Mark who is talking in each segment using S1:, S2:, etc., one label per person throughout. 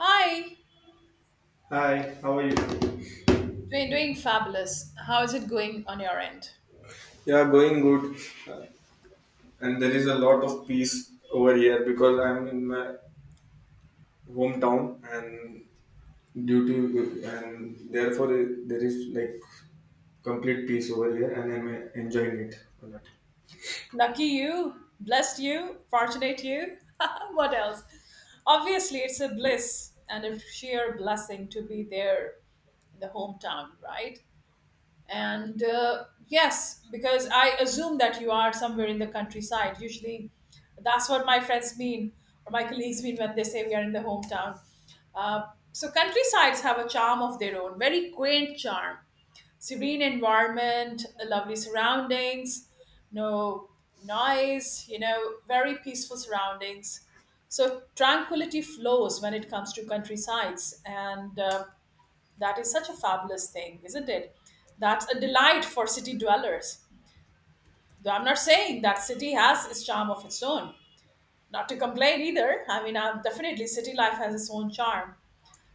S1: Hi,
S2: Hi, how are you?
S1: doing fabulous. How is it going on your end?
S2: Yeah, going good. Uh, And there is a lot of peace over here because I'm in my hometown and due to and therefore there is like complete peace over here and I'm enjoying it a lot.
S1: Lucky you, blessed you, fortunate you. What else? Obviously, it's a bliss and a sheer blessing to be there in the hometown, right? And yes, because I assume that you are somewhere in the countryside. Usually, that's what my friends mean or my colleagues mean when they say we are in the hometown. Uh, so, countrysides have a charm of their own, very quaint charm. Serene environment, lovely surroundings, no noise, very peaceful surroundings. So tranquility flows when it comes to countrysides, and that is such a fabulous thing, isn't it? That's a delight for city dwellers. Though I'm not saying that city has its charm of its own. Not to complain either. I mean, I'm definitely city life has its own charm.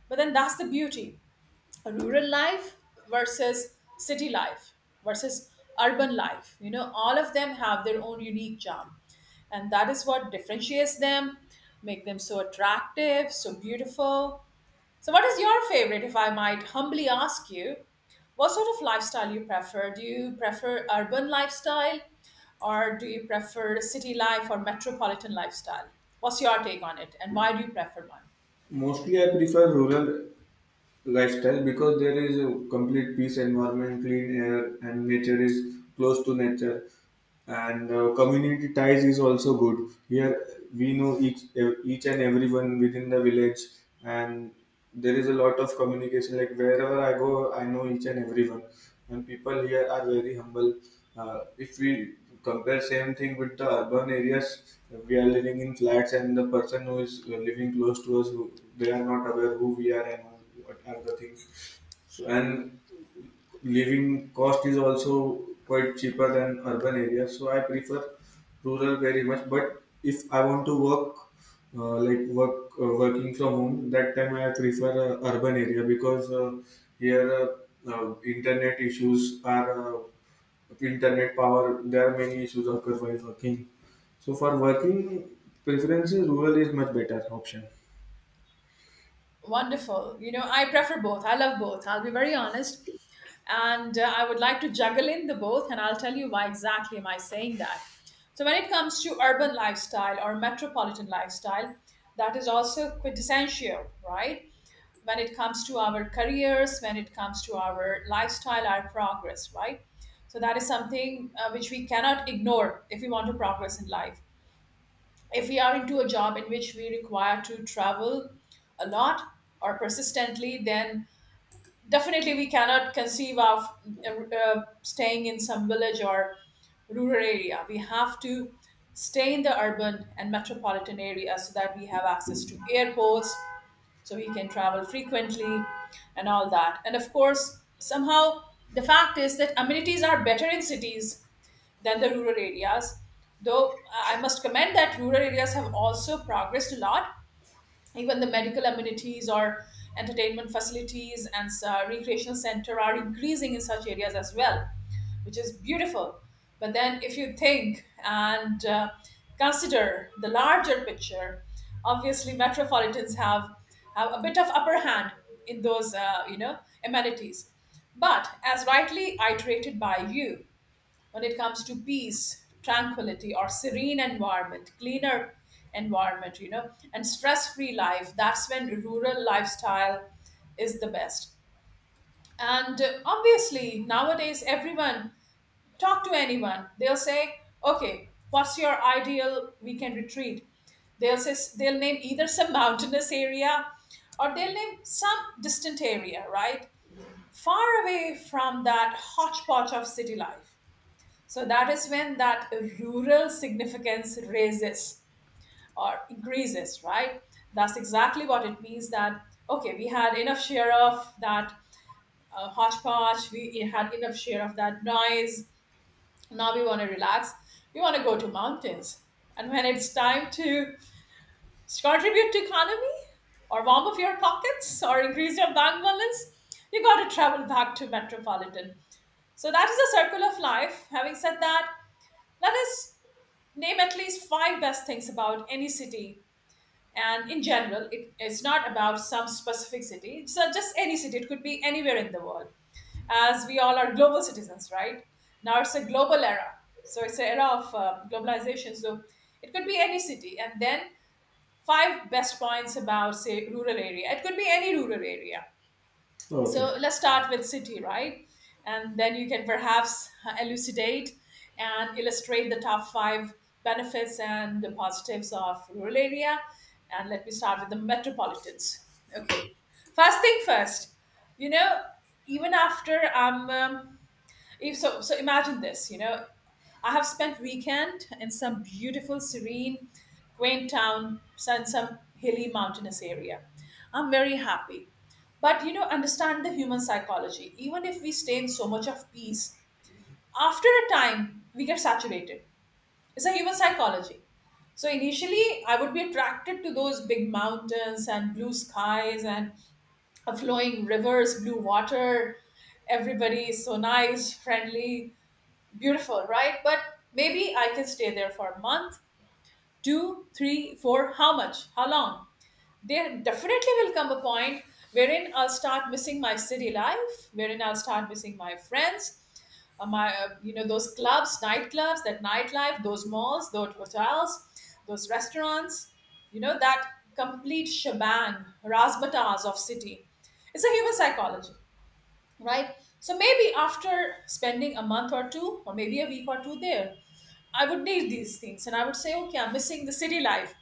S1: But then that's the beauty, rural life versus city life versus urban life, you know, all of them have their own unique charm, and that is what differentiates them, make them so attractive, so beautiful. So what is your favorite, if I might humbly ask you, what sort of lifestyle you prefer? Do you prefer urban lifestyle, or do you prefer city life or metropolitan lifestyle? What's your take on it, and why do you prefer one?
S2: Mostly I prefer rural lifestyle because there is a complete peace environment, clean air and nature is close to nature, and community ties is also good here. We know each and everyone within the village, and there is a lot of communication. Like wherever I go, I know each and everyone, and people here are very humble. If we compare same thing with the urban areas, we are living in flats and the person who is living close to us, they are not aware who we are and what are the things. So, and living cost is also quite cheaper than urban areas, so I prefer rural very much. But if I want to work, working from home, that time I prefer urban area because here internet issues are internet power, there are many issues occur while working. So for working preferences, rural is much better option.
S1: Wonderful. You know, I prefer both. I love both. I'll be very honest. And I would like to juggle in the both, and I'll tell you why exactly am I saying that. So, when it comes to urban lifestyle or metropolitan lifestyle, that is also quintessential, right? When it comes to our careers, when it comes to our lifestyle, our progress, right? So, that is something which we cannot ignore if we want to progress in life, if we are into a job in which we require to travel a lot or persistently, then definitely we cannot conceive of staying in some village or rural area. We have to stay in the urban and metropolitan area so that we have access to airports, so we can travel frequently and all that. And of course, somehow the fact is that amenities are better in cities than the rural areas. Though I must commend that rural areas have also progressed a lot. Even the medical amenities or entertainment facilities and recreational center are increasing in such areas as well, which is beautiful. But then, if you think and consider the larger picture, obviously metropolitans have a bit of upper hand in those you know, amenities. But as rightly iterated by you, when it comes to peace, tranquility, or serene environment, cleaner environment, you know, and stress free life, that's when rural lifestyle is the best. And obviously nowadays everyone, talk to anyone, they'll say okay, what's your ideal weekend retreat? They'll say, they'll name either some mountainous area, or they'll name some distant area, right, far away from that hodgepodge of city life. So that is when that rural significance raises or increases, right? That's exactly what it means that, okay, we had enough share of that hodgepodge, we had enough share of that noise. Now we want to relax. We want to go to mountains. And when it's time to contribute to economy or warm up your pockets or increase your bank balance, you got to travel back to metropolitan. So that is a circle of life. Having said that, let us name at least five best things about any city. And in general, it's not about some specific city. It's just any city. It could be anywhere in the world, as we all are global citizens, right? Now it's a global era. So it's an era of globalization. So it could be any city. And then five best points about, say, rural area. It could be any rural area. So
S2: Okay.
S1: let's start with city, right? And then you can perhaps elucidate and illustrate the top five benefits and the positives of rural area. And let me start with the metropolitans. Okay. First thing first, you know, even after I'm if so, so imagine this. You know, I have spent weekend in some beautiful, serene, quaint town, some hilly, mountainous area. I'm very happy, but you know, understand the human psychology. Even if we stay in so much of peace, after a time we get saturated. It's a human psychology. So initially, I would be attracted to those big mountains and blue skies and flowing rivers, blue water. Everybody is so nice, friendly. Beautiful, right? But maybe I can stay there for a month, two, three, four, how much? How long? There definitely will come a point wherein I'll start missing my city life, wherein I'll start missing my friends, my you know, those clubs, nightclubs, that nightlife, those malls, those hotels, those restaurants, you know, that complete shebang, razzmatazz of city. It's a human psychology, right? So maybe after spending a month or two, or maybe a week or two there, I would need these things. And I would say, okay, I'm missing the city life.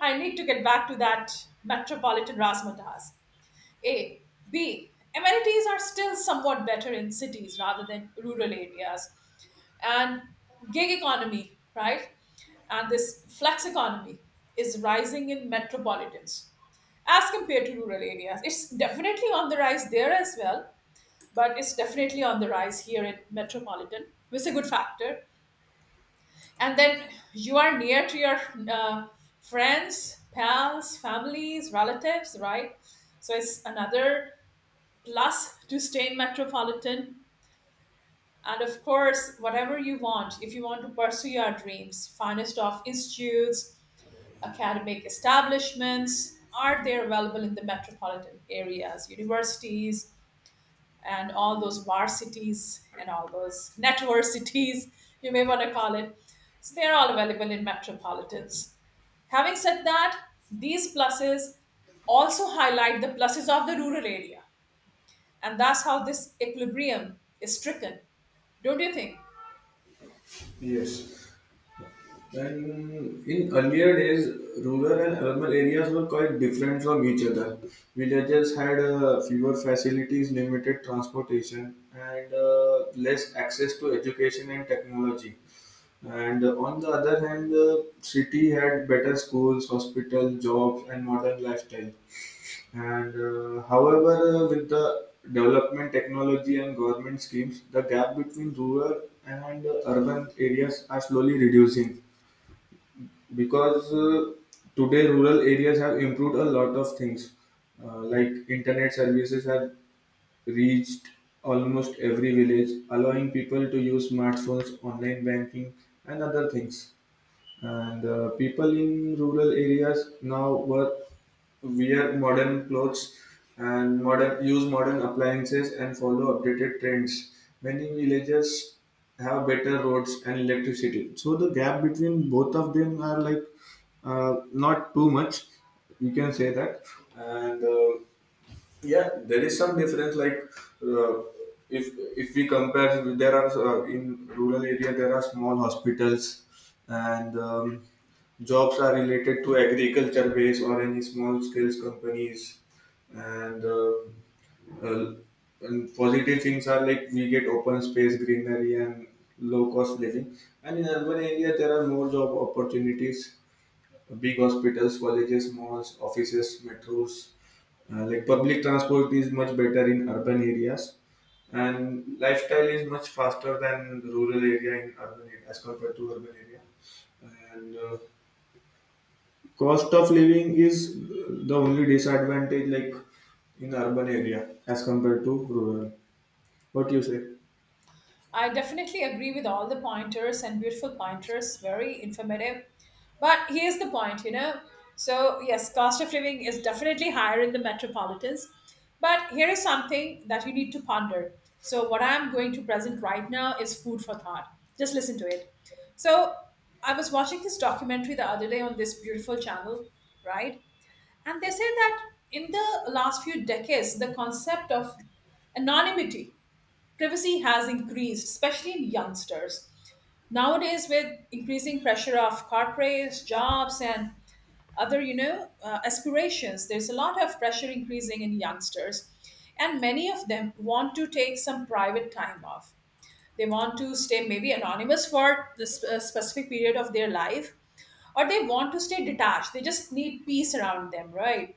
S1: I need to get back to that metropolitan razzmatazz. A. B. Amenities are still somewhat better in cities rather than rural areas. And gig economy, right? And this flex economy is rising in metropolitans as compared to rural areas. It's definitely on the rise there as well, but it's definitely on the rise here in metropolitan, which is a good factor. And then you are near to your uh, friends, pals, families, relatives, right? So it's another plus to stay in metropolitan. And of course, whatever you want, if you want to pursue your dreams, finest of institutes, academic establishments are there available in the metropolitan areas, universities and all those varsities and all those netversities, you may want to call it. So they're all available in metropolitans. Having said that, these pluses also highlight the pluses of the rural area. And that's how this equilibrium is stricken. Don't you think?
S2: Yes. When in earlier days, rural and urban areas were quite different from each other. Villages had fewer facilities, limited transportation, and less access to education and technology. And on the other hand, the city had better schools, hospitals, jobs, and modern lifestyle. And However, with the development, technology, and government schemes, the gap between rural and urban areas are slowly reducing, because today rural areas have improved a lot of things, like internet services have reached almost every village, allowing people to use smartphones, online banking, and other things. And people in rural areas now work wear modern clothes and modern use modern appliances and follow updated trends. Many villages have better roads and electricity. So the gap between both of them are like, not too much, you can say that. And yeah, there is some difference. Uh, if if we compare, there are in rural area there are small hospitals and. Jobs are related to agriculture base or any small scales companies, and, uh, and positive things are like we get open space, greenery, and low cost living. And in urban area, there are more job opportunities. Big hospitals, colleges, malls, offices, metros. Like public transport is much better in urban areas, and lifestyle is much faster than rural area, in urban area as compared to urban area. And cost of living is the only disadvantage, like in urban area as compared to rural. What you say?
S1: I definitely agree with all the pointers and beautiful pointers, very informative. But here's the point, you know. So, yes, cost of living is definitely higher in the metropolitans. But here is something that you need to ponder. So, what I'm going to present right now is food for thought. Just listen to it. So, I was watching this documentary the other day on this beautiful channel, right? And they say that in the last few decades, the concept of anonymity, privacy has increased, especially in youngsters. Nowadays, with increasing pressure of corporates, jobs, and other, aspirations, there's a lot of pressure increasing in youngsters, and many of them want to take some private time off. They want to stay maybe anonymous for this specific period of their life, or they want to stay detached. They just need peace around them, right?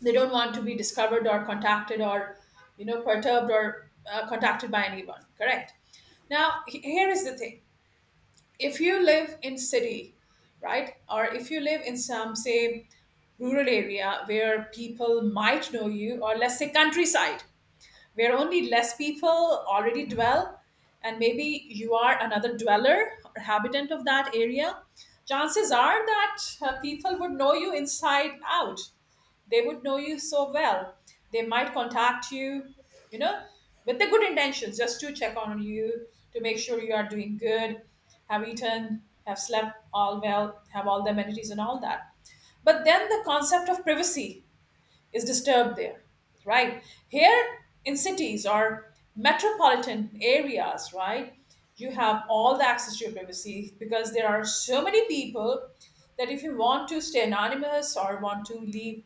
S1: They don't want to be discovered or contacted or, you know, perturbed or contacted by anyone. Correct. Now, here is the thing. If you live in city, right, or if you live in some, say, rural area where people might know you, or let's say countryside, where only less people already dwell, and maybe you are another dweller or habitant of that area, chances are that people would know you inside out. They would know you so well. They might contact you, you know, with the good intentions just to check on you, to make sure you are doing good, have eaten, have slept all well, have all the amenities and all that. But then the concept of privacy is disturbed there, right? Here in cities or metropolitan areas, right, you have all the access to your privacy, because there are so many people that if you want to stay anonymous or want to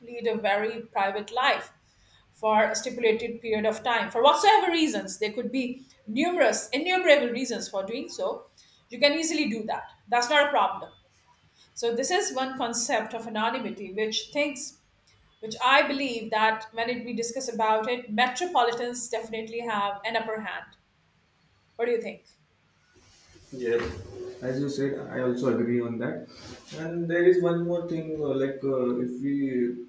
S1: lead a very private life for a stipulated period of time, for whatsoever reasons, there could be numerous innumerable reasons for doing so, you can easily do that. That's not a problem. So this is one concept of anonymity which thinks, which I believe that when we discuss about it, metropolitans definitely have an upper hand. What do you think?
S2: Yes. As you said, I also agree on that. And there is one more thing, if we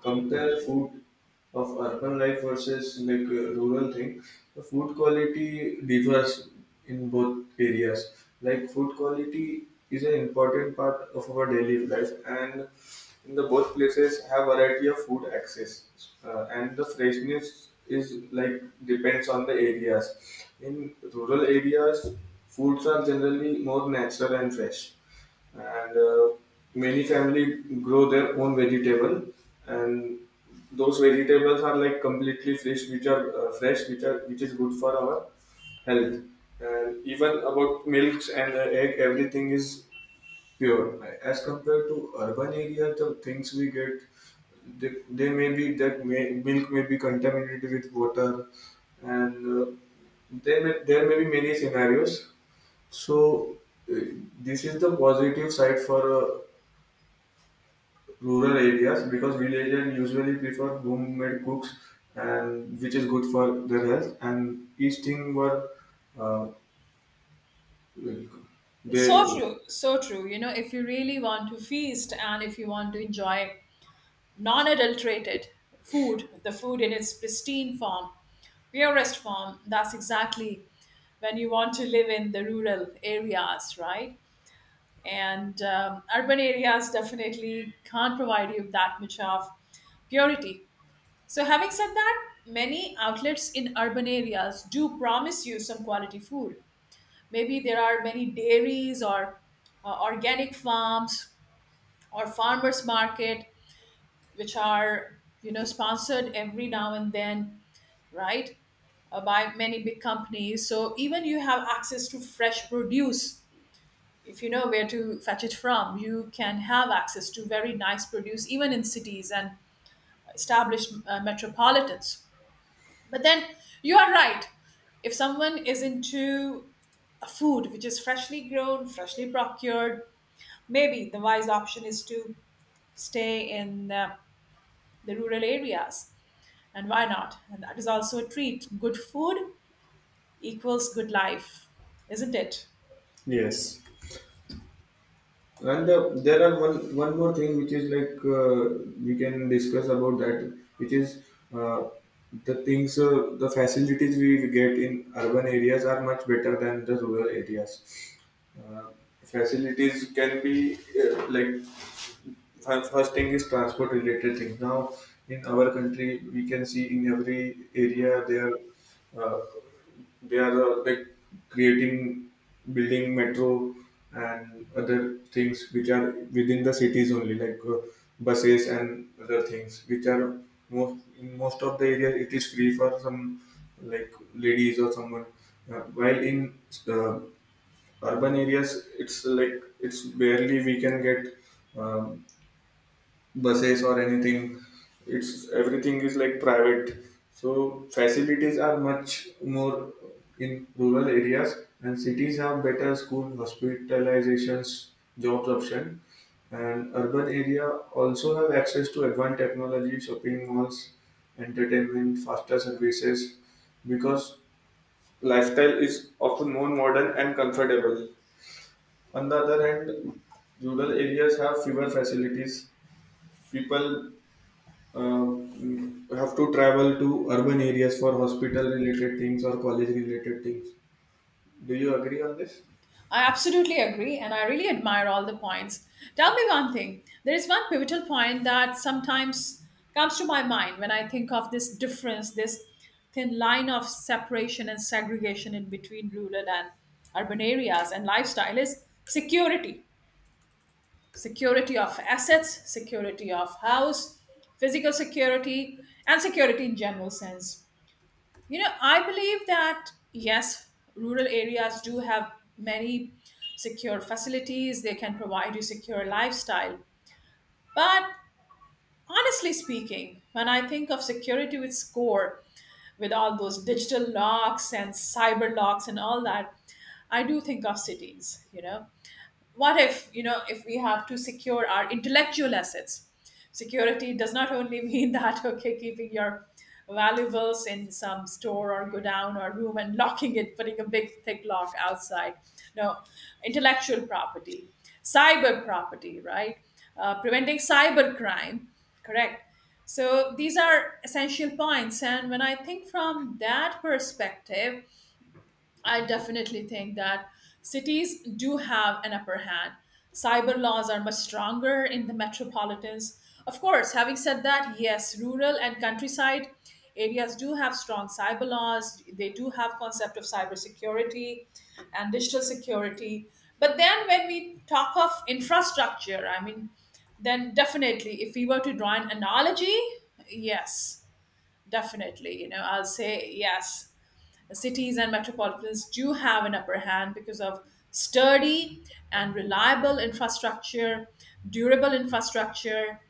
S2: compare food of urban life versus rural thing, the food quality differs in both areas. Like food quality is an important part of our daily life, and in the both places have variety of food access, and the freshness is like depends on the areas. In rural areas, foods are generally more natural and fresh, and many family grow their own vegetable, and those vegetables are like completely fresh, which are which is good for our health. And even about milks and egg, everything is pure. As compared to urban area, the things we get, they may be milk may be contaminated with water, and there may be many scenarios. So uh, this is the positive side for rural areas, because villagers usually prefer homemade cooks, and which is good for their health and each thing were uh,
S1: So
S2: they
S1: true, so true. You know, if you really want to feast and if you want to enjoy non adulterated food, the food in its pristine form, purest form, that's exactly when you want to live in the rural areas, right? And urban areas definitely can't provide you that much of purity. So, having said that, many outlets in urban areas do promise you some quality food. Maybe there are many dairies or organic farms or farmers market, which are, you know, sponsored every now and then, right, by many big companies. So even you have access to fresh produce if you know where to fetch it from. You can have access to very nice produce even in cities and established metropolitans. But then you are right. If someone is into a food which is freshly grown, freshly procured, maybe the wise option is to stay in the rural areas. And why not? And that is also a treat. Good food equals good life, isn't it?
S2: Yes. And there are one more thing which is like, we can discuss about that, which is uh, the things the facilities we get in urban areas are much better than the rural areas. Uh, Facilities can be like first thing is transport related thing. Now in our country we can see in every area there. Are Uh, they are like creating, building metro and other things which are within the cities only, like buses and other things which are most of the area, it is free for some like ladies or someone. While in uh, urban areas, it's like it's barely we can get. Um, Buses or anything. It's everything is like private. So facilities are much more in rural areas, and cities have better school, hospitalizations, jobs option, and urban area also have access to advanced technology, shopping malls, entertainment, faster services, because lifestyle is often more modern and comfortable. On the other hand, rural areas have fewer facilities. People have to travel to urban areas for hospital related things or college related things. Do you agree on this?
S1: I absolutely agree, and I really admire all the points. Tell me one thing. There is one pivotal point that sometimes comes to my mind when I think of this difference, this thin line of separation and segregation in between rural and urban areas and lifestyle is security. Security of assets, security of house, physical security, and security in general sense, you know, I believe that yes, rural areas do have many secure facilities. They can provide you secure lifestyle. But honestly speaking, when I think of security with score, with all those digital locks and cyber locks and all that, I do think of cities, you know, what if, if we have to secure our intellectual assets, security does not only mean that, okay, keeping your valuables in some store or go down or room and locking it, putting a big thick lock outside. No, intellectual property, cyber property, right, preventing cyber crime, correct. So these are essential points, and when I think from that perspective, I definitely think that cities do have an upper hand. Cyber laws are much stronger in the metropolitans. Of course, having said that, yes, rural and countryside areas do have strong cyber laws. They do have concept of cybersecurity and digital security. But then when we talk of infrastructure, I mean, then definitely if we were to draw an analogy, yes, definitely, you know, I'll say yes, cities and metropolitans do have an upper hand because of sturdy and reliable infrastructure, durable infrastructure,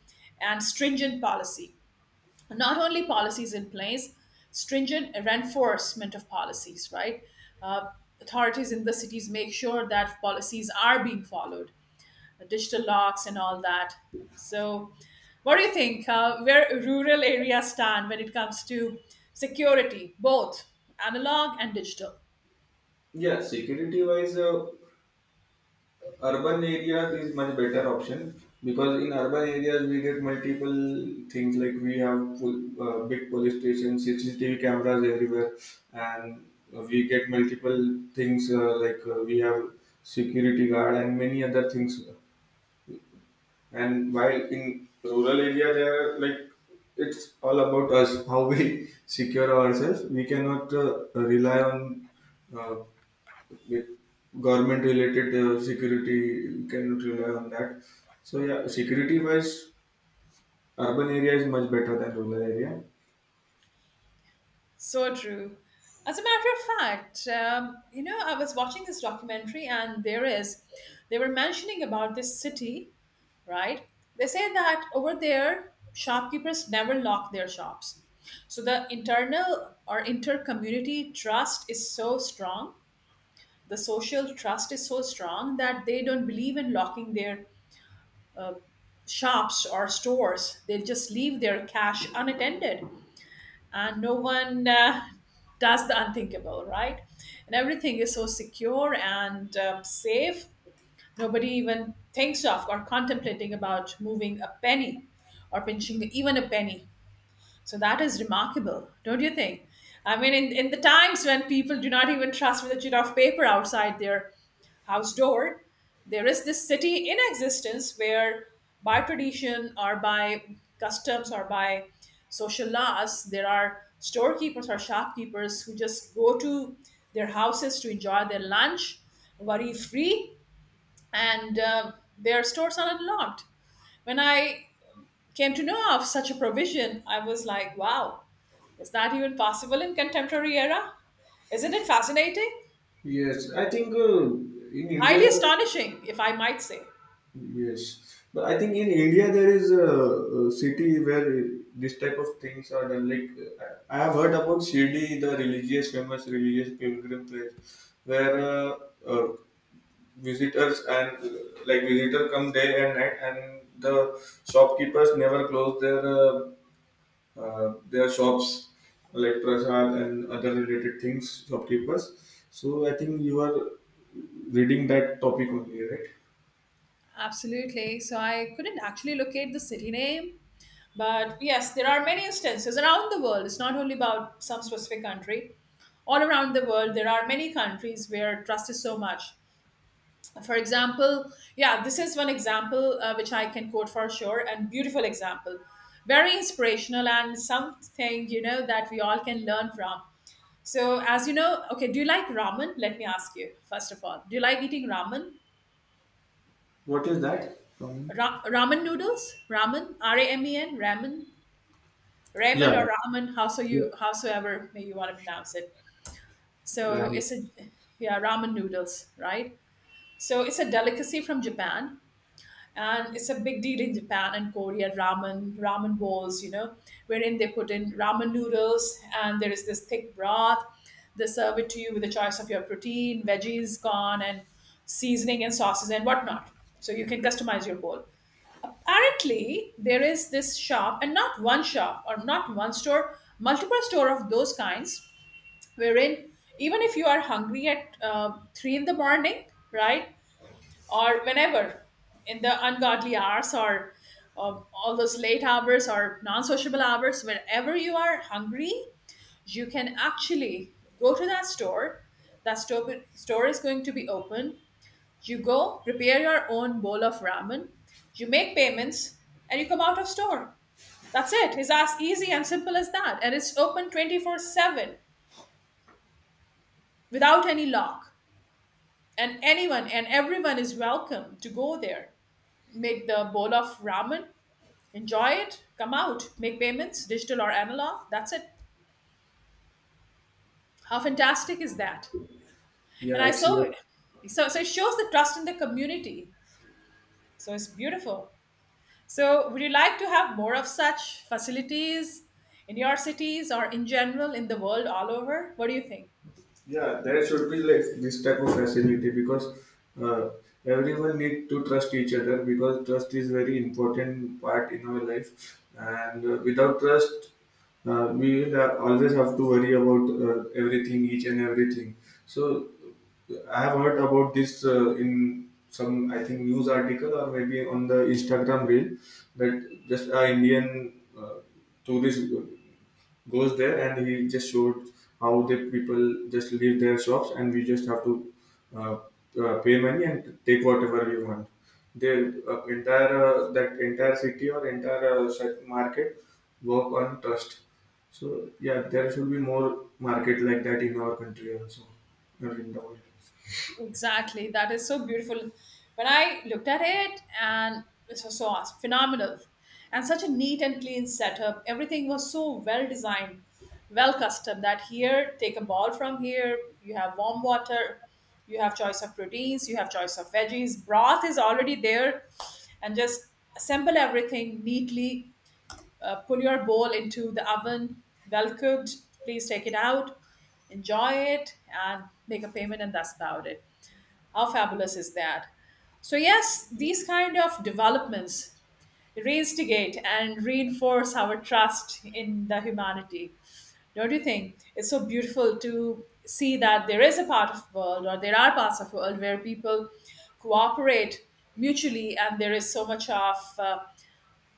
S1: and stringent policy. Not only policies in place, stringent reinforcement of policies, right? Uh, Authorities in the cities make sure that policies are being followed, digital locks and all that. So, what do you think? Where rural areas stand when it comes to security, both analog and digital?
S2: Yeah, security wise, urban areas is much better option, because in urban areas we get multiple things, like we have full, big police stations, CCTV cameras everywhere, and we get multiple things, we have security guard and many other things. And while in rural area, there are like it's all about us, how we secure ourselves. We cannot rely on uh, government related security. We cannot rely on that. So yeah, security wise, urban area is much better than rural area.
S1: So true. As a matter of fact, you know, I was watching this documentary, and there is, they were mentioning about this city, right? They say that over there, shopkeepers never lock their shops. So the internal or inter community trust is so strong, the social trust is so strong that they don't believe in locking their uh, shops or stores. They just leave their cash unattended, and no one does the unthinkable, right? And everything is so secure and safe. Nobody even thinks of or contemplating about moving a penny or pinching even a penny, so that is remarkable, don't you think? I mean, in the times when people do not even trust with a sheet of paper outside their house door, there is this city in existence where, by tradition or by customs or by social laws, there are storekeepers or shopkeepers who just go to their houses to enjoy their lunch worry free, and their stores are unlocked. When I came to know of such a provision, I was like, wow, is that even possible in contemporary era? Isn't it fascinating?
S2: Yes, I think in
S1: Highly
S2: India
S1: astonishing, if I might say.
S2: Yes, but I think in India there is a city where this type of things are done. I have heard about Shirdi, the religious, famous religious pilgrim place, where uh, visitors and like visitor come day and night, and the shopkeepers never close their shops, like prasad and other related things. Shopkeepers. So I think you are reading that topic only, right?
S1: Absolutely. So I couldn't actually locate the city name. But yes, there are many instances around the world. It's not only about some specific country. All around the world, there are many countries where trust is so much. For example, yeah, this is one example which I can quote for sure and beautiful example. Very inspirational and something, you know, that we all can learn from. So, as you know, okay, do you like ramen? Let me ask you, first of all, do you like eating ramen?
S2: What is that? Um,
S1: Ramen noodles? Ramen? R A M E N? Ramen?
S2: yeah,
S1: Ramen or ramen, how so
S2: Yeah,
S1: you, howsoever may you want to pronounce it. So,
S2: right.
S1: it's a, yeah, ramen noodles, right? So, it's a delicacy from Japan, and it's a big deal in Japan and Korea. Ramen, ramen bowls, you know, wherein they put in ramen noodles, and there is this thick broth. They serve it to you with a choice of your protein, veggies, corn, and seasoning and sauces and whatnot. So you can customize your bowl. Apparently, there is this shop, and not one shop or not one store, multiple store of those kinds, wherein even if you are hungry at three in the morning, right? Or whenever in the ungodly hours or all those late hours or non-sociable hours, whenever you are hungry, you can actually go to that store, that store, store is going to be open. You go prepare your own bowl of ramen, you make payments, and you come out of store. That's it. It's as easy and simple as that, and it's open 24/7 without any lock, and anyone and everyone is welcome to go there, make the bowl of ramen, enjoy it, come out, make payments, digital or analog. That's it. How fantastic is that? And
S2: Yeah,
S1: I
S2: it's
S1: saw
S2: your-
S1: it. So, so it shows the trust in the community. So it's beautiful. So would you like to have more of such facilities in your cities or in general in the world all over? What do you think?
S2: yeah. There should be like this type of facility because uh, everyone need to trust each other, because trust is very important part in our life, and without trust, we will always have to worry about everything, each and everything. So I have heard about this in some I think news article or maybe on the Instagram reel, that just a Indian tourist goes there and he just showed how the people just leave their shops, and we just have to uh, pay money and take whatever we want. The entire that entire city or entire market work on trust. So yeah, there should be more market like that in our country also, or in the world.
S1: Exactly. That is so beautiful. When I looked at it, and it was so awesome, phenomenal, and such a neat and clean setup. Everything was so well designed, well custom. That here, take a ball from here. You have warm water. You have choice of proteins. You have choice of veggies. Broth is already there, and just assemble everything neatly. Put your bowl into the oven, well cooked. Please take it out, enjoy it, and make a payment, and that's about it. How fabulous is that? So yes, these kind of developments instigate and reinforce our trust in the humanity. Don't you think? It's so beautiful to see that there is a part of world or there are parts of world where people cooperate mutually, and there is so much of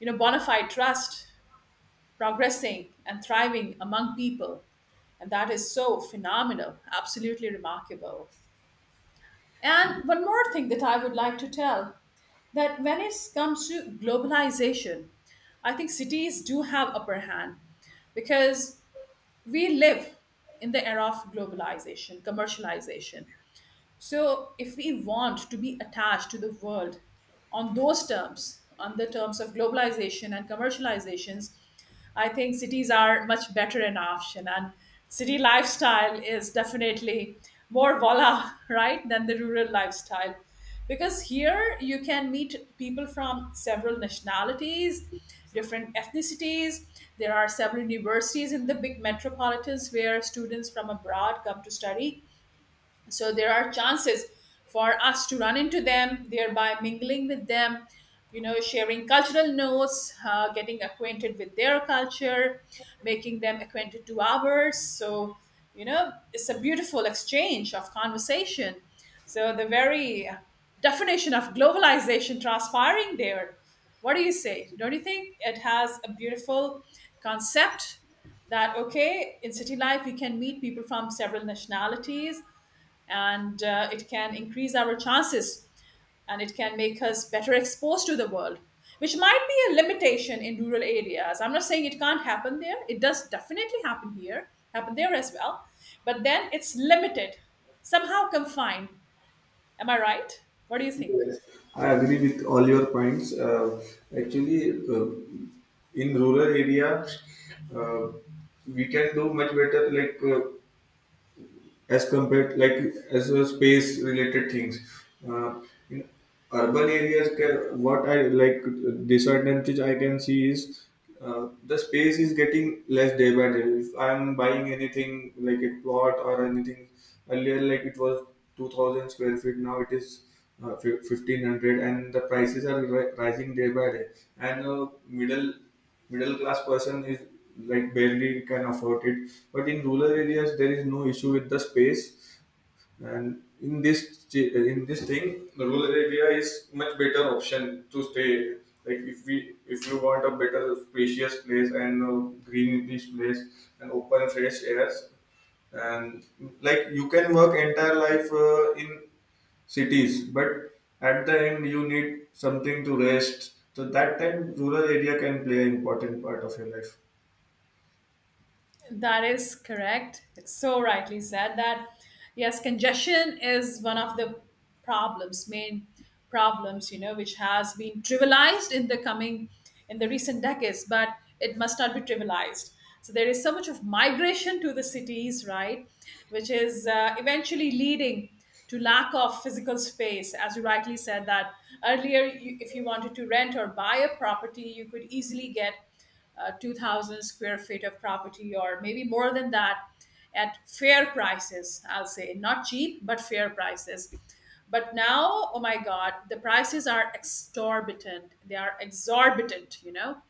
S1: you know, bona fide trust progressing and thriving among people, and that is so phenomenal, absolutely remarkable. And one more thing that I would like to tell, that when it comes to globalization, I think cities do have upper hand, because we live in the era of globalization, commercialization. So, if we want to be attached to the world on those terms, on the terms of globalization and commercializations, I think cities are much better an option. And city lifestyle is definitely more voila, right, than the rural lifestyle. Because here you can meet people from several nationalities, different ethnicities. There are several universities in the big metropolitans where students from abroad come to study, so there are chances for us to run into them, thereby mingling with them, you know, sharing cultural notes, getting acquainted with their culture, making them acquainted to ours. So, you know, it's a beautiful exchange of conversation. So the very definition of globalization transpiring there. What do you say? Don't you think it has a beautiful concept that, okay, in city life we can meet people from several nationalities, and it can increase our chances, and it can make us better exposed to the world, which might be a limitation in rural areas. I'm not saying it can't happen there, it does definitely happen here, happen there as well, but then it's limited, somehow confined. Am I right? What do you think?
S2: Yes, I agree with all your points. Actually, uh, in rural area, uh, we can do much better, as compared, like as a space related things. Uh, in urban areas what I like disadvantage I can see is the space is getting less day by day. If I'm buying anything like a plot or anything, earlier like it was 2000 square feet, now it is 1500, and the prices are rising day by day, and a middle class person is like barely can afford it. But in rural areas there is no issue with the space, and in this thing, the rural area is much better option to stay. Like if we if you want a better spacious place and greenish place and open fresh airs, and like you can work entire life in cities, but at the end you need something to rest, so that time rural area can play an important part of your life.
S1: That is correct. It's so rightly said that yes, congestion is one of the problems, main problems, you know, which has been trivialized in the recent decades, but it must not be trivialized. So there is so much of migration to the cities, right, which is eventually leading to lack of physical space, as you rightly said that earlier. You, if you wanted to rent or buy a property, you could easily get 2000 square feet of property or maybe more than that at fair prices, I'll say, not cheap but fair prices. But now, oh my god, the prices are exorbitant, they are exorbitant, you know,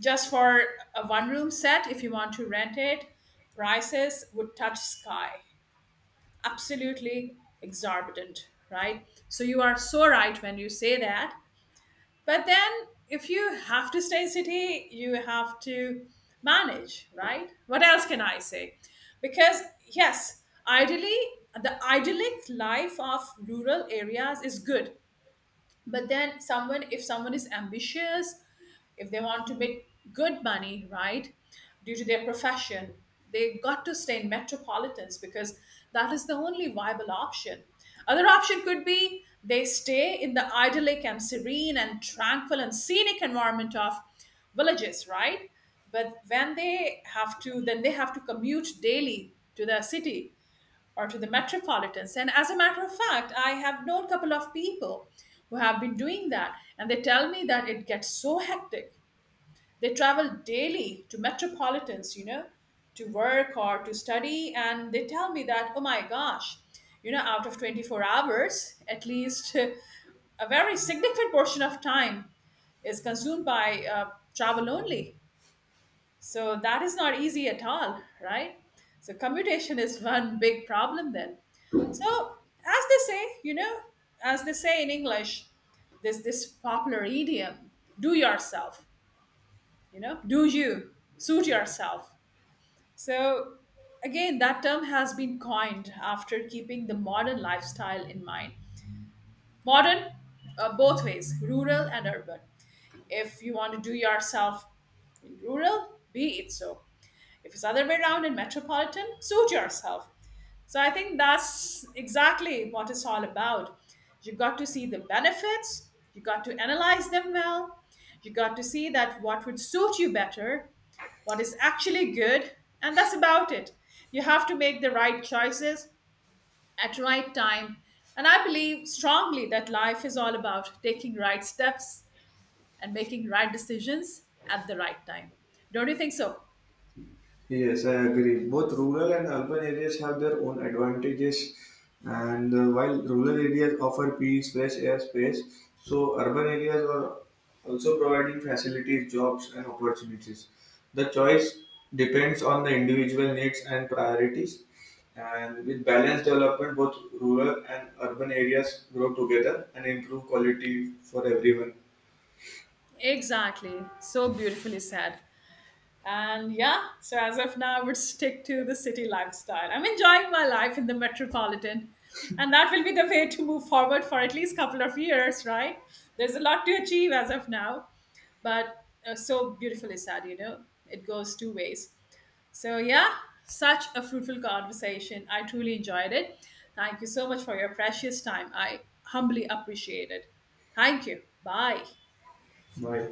S1: just for a one room set, if you want to rent it, prices would touch sky. Absolutely exorbitant, right? So you are so right when you say that. But then, if you have to stay in city, you have to manage, right? What else can I say? Because yes, ideally the idyllic life of rural areas is good, but then someone, if someone is ambitious, if they want to make good money, right, due to their profession, they got to stay in metropolitans, because that is the only viable option. Other option could be they stay in the idyllic and serene and tranquil and scenic environment of villages, right? But when they have to, then they have to commute daily to the city or to the metropolitans. And as a matter of fact, I have known a couple of people who have been doing that, and they tell me that it gets so hectic. They travel daily to metropolitans, you know, to work or to study, and they tell me that, oh my gosh, you know, out of 24 hours, at least a very significant portion of time is consumed by travel only. So that is not easy at all, right? So commutation is one big problem then. So, as they say, you know, as they say in English, there's this popular idiom, do yourself, you know, do you, suit yourself. So again, that term has been coined after keeping the modern lifestyle in mind. Modern, both ways, rural and urban. If you want to do yourself in rural, be it so. If it's other way around in metropolitan, suit yourself. So I think that's exactly what it's all about. You got to see the benefits, you got to analyze them well, you got to see that what would suit you better, what is actually good, and that's about it. You have to make the right choices at the right time. And I believe strongly that life is all about taking right steps and making right decisions at the right time. Don't you think so?
S2: Yes, I agree. Both rural and urban areas have their own advantages, and while rural areas offer peace, fresh air, space, so urban areas are also providing facilities, jobs, and opportunities. The choice depends on the individual needs and priorities, and with balanced development, both rural and urban areas grow together and improve quality for everyone.
S1: Exactly. So beautifully said. And yeah, so as of now, I would stick to the city lifestyle. I'm enjoying my life in the metropolitan, and that will be the way to move forward for at least couple of years, right? There's a lot to achieve as of now, but so beautifully said, you know, it goes two ways. So yeah, such a fruitful conversation. I truly enjoyed it. Thank you so much for your precious time. I humbly appreciate it. Thank you. Bye.
S2: Bye.